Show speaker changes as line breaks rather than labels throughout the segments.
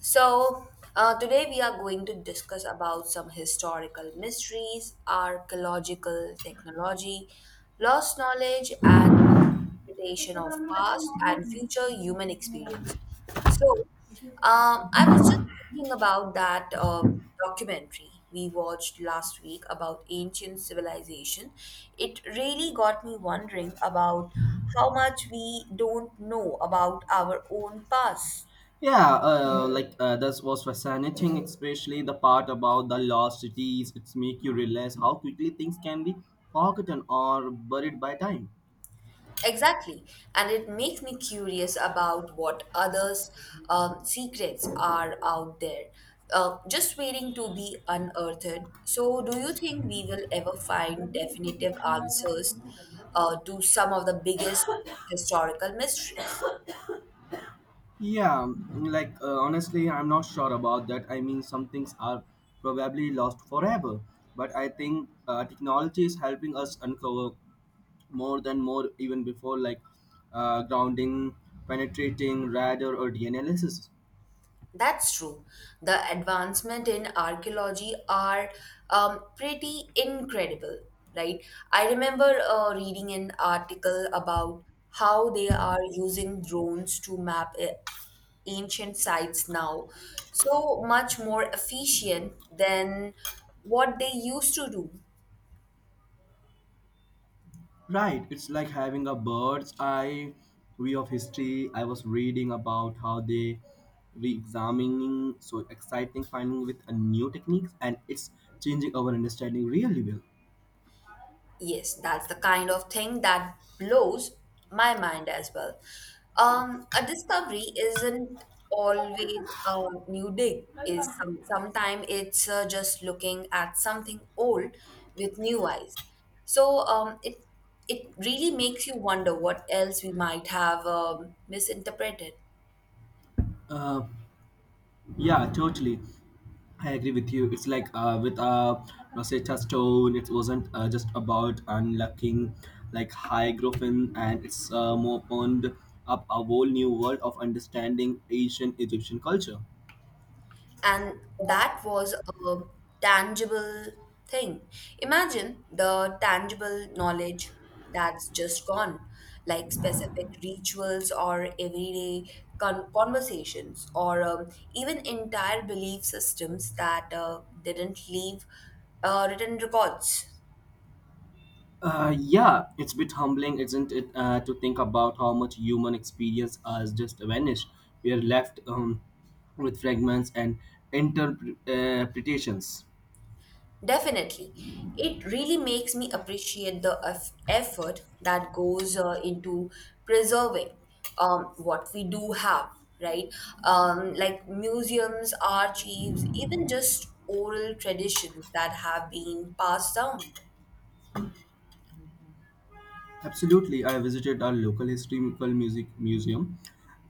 So, today we are going to discuss about some historical mysteries, archaeological technology, lost knowledge, and interpretation of past and future human experience. So, I was just thinking about that documentary we watched last week about ancient civilization. It really got me wondering about how much we don't know about our own past.
Yeah, this was fascinating, especially the part about the lost cities. It's make you realize how quickly things can be forgotten or buried by time.
Exactly. And it makes me curious about what others' secrets are out there, just waiting to be unearthed. So, do you think we will ever find definitive answers to some of the biggest historical mysteries?
Yeah, honestly, I'm not sure about that. I mean, some things are probably lost forever, but I think technology is helping us uncover more than more even before like grounding, penetrating, radar, or DNA analysis.
That's true. The advancement in archaeology are pretty incredible, right? I remember reading an article about how they are using drones to map ancient sites now, so much more efficient than what they used to do.
Right, it's like having a bird's eye view of history. I was reading about how they re-examining so exciting finding with a new techniques and it's changing our understanding really well.
Yes, that's the kind of thing that blows my mind as well. A discovery isn't always a new dig. Is some sometimes it's just looking at something old with new eyes. So it really makes you wonder what else we might have misinterpreted.
Uh, yeah, totally. I agree with you. It's like with Rosetta Stone, it wasn't just about unlocking like hieroglyphin, and it's more opened up a whole new world of understanding ancient Egyptian culture.
And that was a tangible thing. Imagine the tangible knowledge that's just gone, like specific rituals or everyday conversations, or even entire belief systems that didn't leave written records.
Yeah, it's a bit humbling, isn't it, to think about how much human experience has just vanished. We are left with fragments and interpretations.
Definitely. It really makes me appreciate the effort that goes into preserving what we do have, right? Like museums, archives, even just oral traditions that have been passed down.
Absolutely, I visited our local historical music museum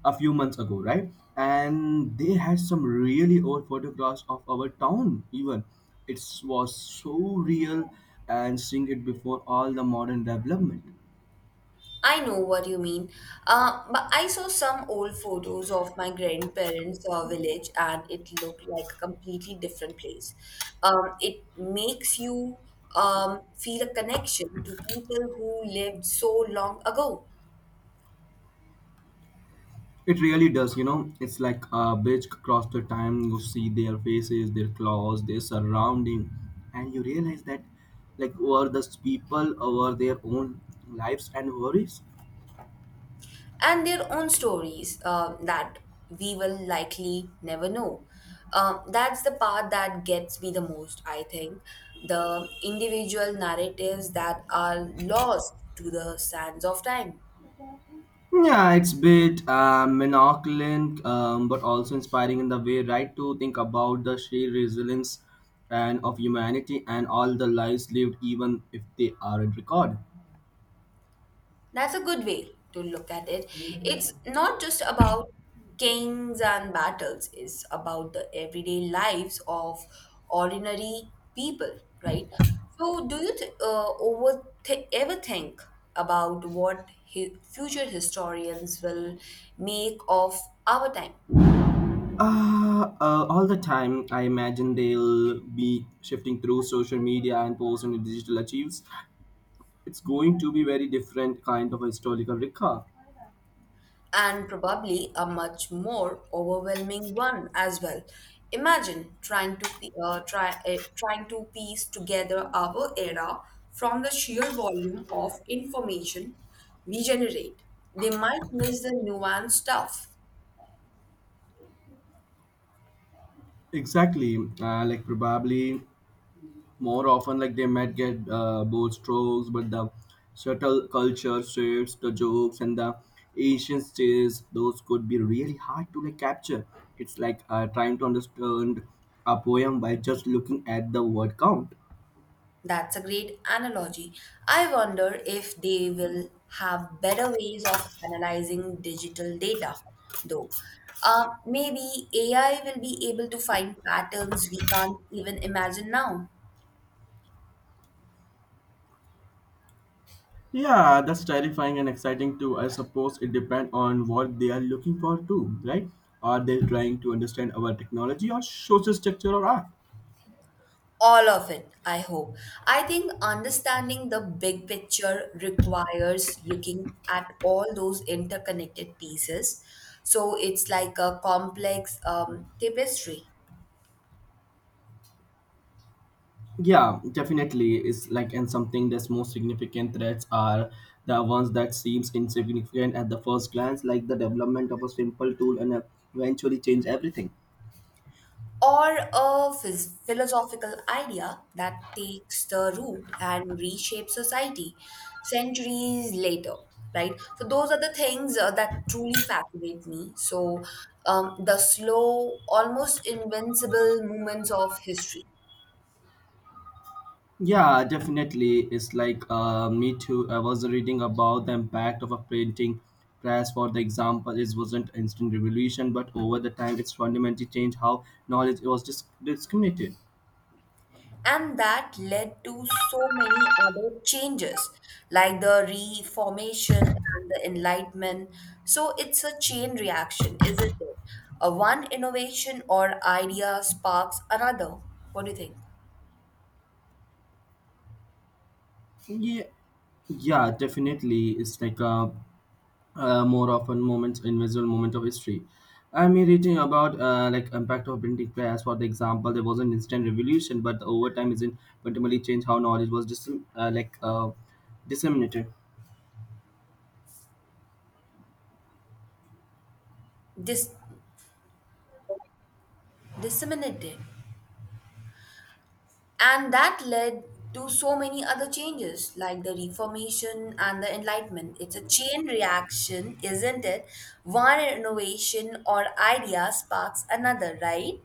a few months ago, right? And they had some really old photographs of our town. Even it was so real and seeing it before all the modern development.
I know what you mean. But I saw some old photos of my grandparents' village and it looked like a completely different place. It makes you feel a connection to people who lived so long ago
It really does, you know. It's like a bridge across the time. You see their faces, their claws, their surrounding, and you realize that, like, were these people over their own lives and worries?
and their own stories that we will likely never know. That's the part that gets me the most, I think. The individual narratives that are lost to the sands of time.
Yeah, it's bit monoculant, but also inspiring in the way, right, to think about the sheer resilience and of humanity and all the lives lived, even if they aren't recorded.
That's a good way to look at it. It's not just about kings and battles, it's about the everyday lives of ordinary people, right? So, do you th- over th- ever think about what future historians will make of our time?
All the time, I imagine they'll be shifting through social media and posts and digital achieves. It's going to be very different kind of historical recall.
And probably a much more overwhelming one as well. Imagine trying to piece together our era from the sheer volume of information we generate. They might miss the nuanced stuff.
Exactly, like probably more often, like they might get bold strokes, but the subtle culture shifts, the jokes and the Asian stays, those could be really hard to like capture. It's like trying to understand a poem by just looking at the word count.
That's a great analogy. I wonder if they will have better ways of analyzing digital data, though. Maybe AI will be able to find patterns we can't even imagine now.
Yeah, that's terrifying and exciting too. I suppose it depends on what they are looking for too, right? Are they trying to understand our technology or social structure or art?
All of it, I hope. I think understanding the big picture requires looking at all those interconnected pieces. So it's like a complex tapestry.
Yeah, definitely. It's like and something that's most significant threats are the ones that seems insignificant at the first glance, like the development of a simple tool and eventually change everything.
Or a philosophical idea that takes the root and reshapes society centuries later, right? So those are the things that truly fascinate me. So the slow almost invincible movements of history.
Yeah, definitely. It's like me too. I was reading about the impact of a printing press, for the example. It wasn't instant revolution, but over the time, it's fundamentally changed how knowledge was discriminated.
And that led to so many other changes, like the Reformation and the Enlightenment. So it's a chain reaction, isn't it? A one innovation or idea sparks another. What do you think?
Yeah, yeah, definitely. It's like a more often moment, invisible moment of history. I mean, reading about like impact of printing press, for the example, there was an instant revolution, but the overtime isn't fundamentally changed how knowledge was uh, like uh, disseminated.
Dis- Disseminated. And that led to so many other changes, like the Reformation and the Enlightenment. It's a chain reaction, isn't it? One innovation or idea sparks another, right?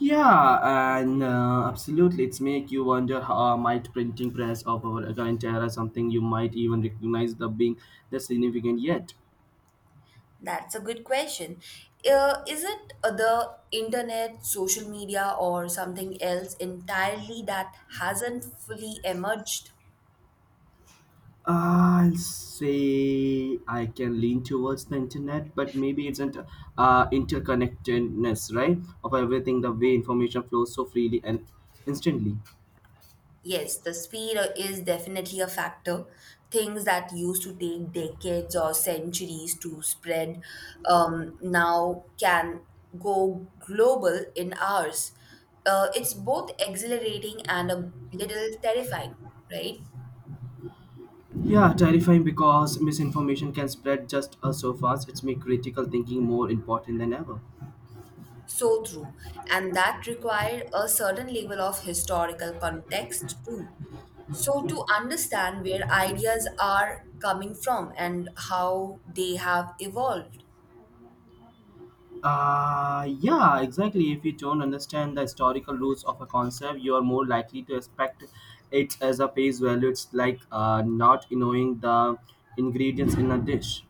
Yeah, and absolutely, it's make you wonder how might printing press of our current era something you might even recognize the being the significant yet.
That's a good question. Is it the internet, social media, or something else entirely that hasn't fully emerged?
I'll say I can lean towards the internet, but maybe it's not interconnectedness, right, of everything the way information flows so freely and instantly.
Yes, the speed is definitely a factor. Things that used to take decades or centuries to spread now can go global in hours. It's both exhilarating and a little terrifying, right?
Yeah, terrifying because misinformation can spread just so fast. It's make critical thinking more important than ever.
So true. And that required a certain level of historical context too. So to understand where ideas are coming from and how they have evolved
Yeah, exactly. If you don't understand the historical roots of a concept, you are more likely to expect it as a face value. It's like not knowing the ingredients in a dish.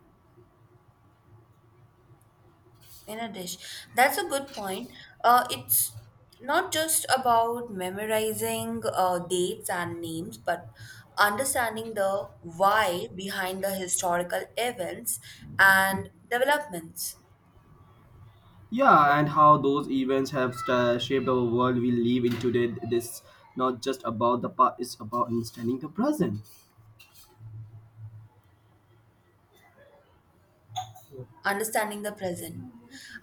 in a dish. That's a good point. It's not just about memorizing dates and names, but understanding the why behind the historical events and developments.
Yeah, and how those events have sta shaped our world we live in today. This not just about the past; it's about understanding the present.
Understanding the present.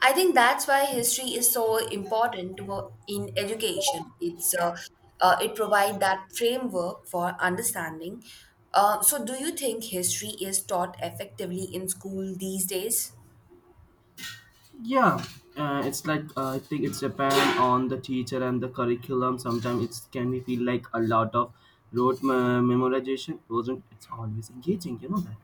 I think that's why history is so important to, in education. It provides that framework for understanding. So, do you think history is taught effectively in school these days?
Yeah, it's like I think it's depend on the teacher and the curriculum. Sometimes it can be feel like a lot of rote memorization wasn't. It's always engaging, you know that.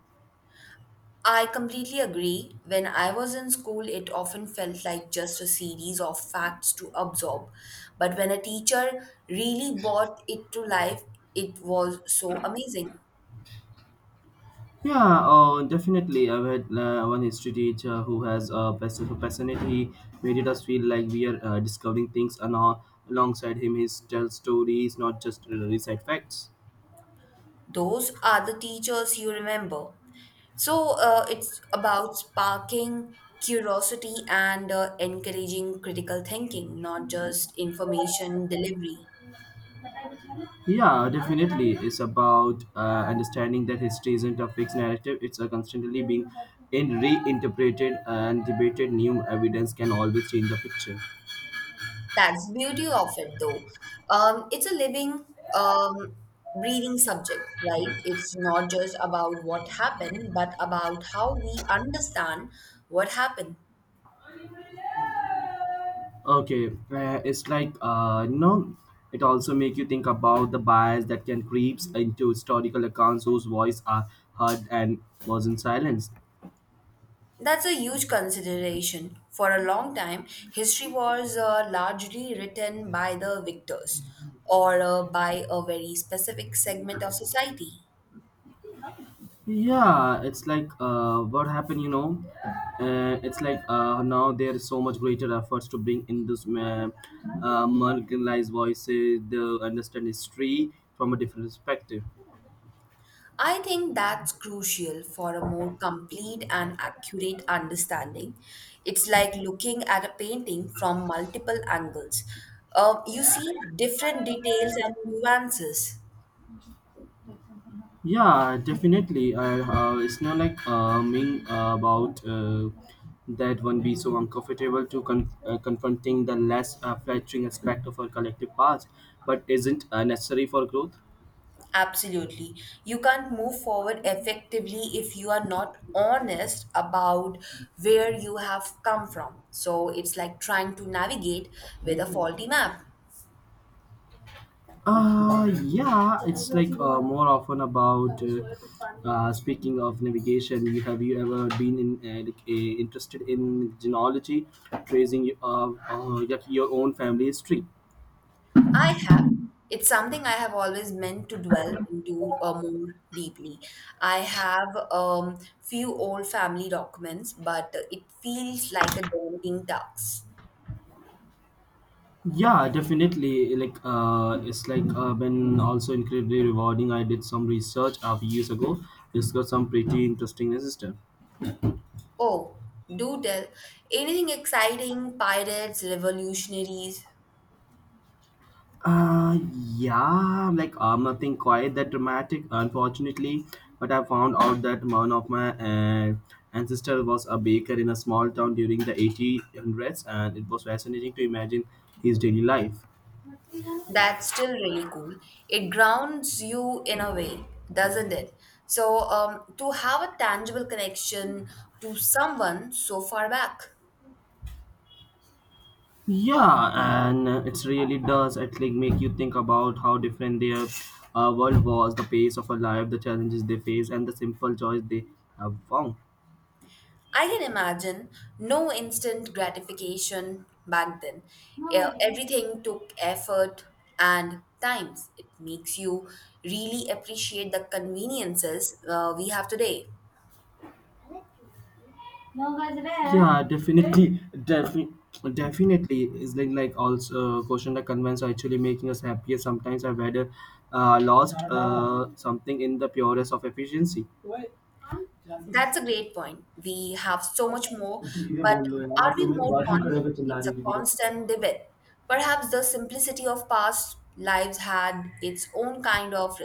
I completely agree. When I was in school, it often felt like just a series of facts to absorb. But when a teacher really brought it to life, it was so amazing.
Yeah, oh, definitely. I've had one history teacher who has a personality made us feel like we are discovering things and all. Alongside him, he tells stories, not just recite facts.
Those are the teachers you remember. So it's about sparking curiosity and encouraging critical thinking, not just information delivery.
Yeah, definitely. It's about understanding that history isn't a fixed narrative. It's constantly being in reinterpreted and debated. New evidence can always change the picture.
That's the beauty of it, though. It's a living, um, breathing subject, right? It's not just about what happened, but about how we understand what happened.
Okay, it's like you know, it also make you think about the bias that can creeps into historical accounts whose voice are heard and wasn't silenced.
That's a huge consideration. For a long time, history was largely written by the victors or by a very specific segment of society.
Yeah, it's like what happened, you know. It's like now there is so much greater efforts to bring in this marginalized voices, the understand history from a different perspective.
I think that's crucial for a more complete and accurate understanding. It's like looking at a painting from multiple angles. You see different details and nuances.
Yeah, definitely. It's not like mean about that one be so uncomfortable to confronting the less flattering aspect of our collective past, but isn't necessary for growth.
Absolutely. You can't move forward effectively if you are not honest about where you have come from. So it's like trying to navigate with a faulty map.
Yeah, it's like more often about. Speaking of navigation, you have you ever been in interested in genealogy, tracing like your own family history?
I have. It's something I have always meant to dwell into more deeply. I have few old family documents, but it feels like a daunting task.
Yeah, definitely. Like it's like been also incredibly rewarding. I did some research a few years ago, discovered some pretty interesting system.
Oh, do tell. Anything exciting? Pirates, revolutionaries?
Uh, yeah, like nothing quite that dramatic, unfortunately. But I found out that one of my ancestor was a baker in a small town during the 1800s, and it was fascinating to imagine his daily life.
That's still really cool. It grounds you in a way, doesn't it? So, to have a tangible connection to someone so far back.
Yeah, and it's really does it like make you think about how different their world was, the pace of a life, the challenges they face, and the simple joys they have found.
I can imagine no instant gratification back then. Eh, everything took effort and times. It makes you really appreciate the conveniences we have today.
Yeah, definitely is like also question that convince are actually making us happier. Sometimes I've had lost something in the purest of efficiency.
That's a great point. We have so much more,
धीरे
but
बोल लो यार
are
आप लोग
we
मेरी
more content?
बात
It's
he
a constant debate. Perhaps the simplicity of past lives had its own kind of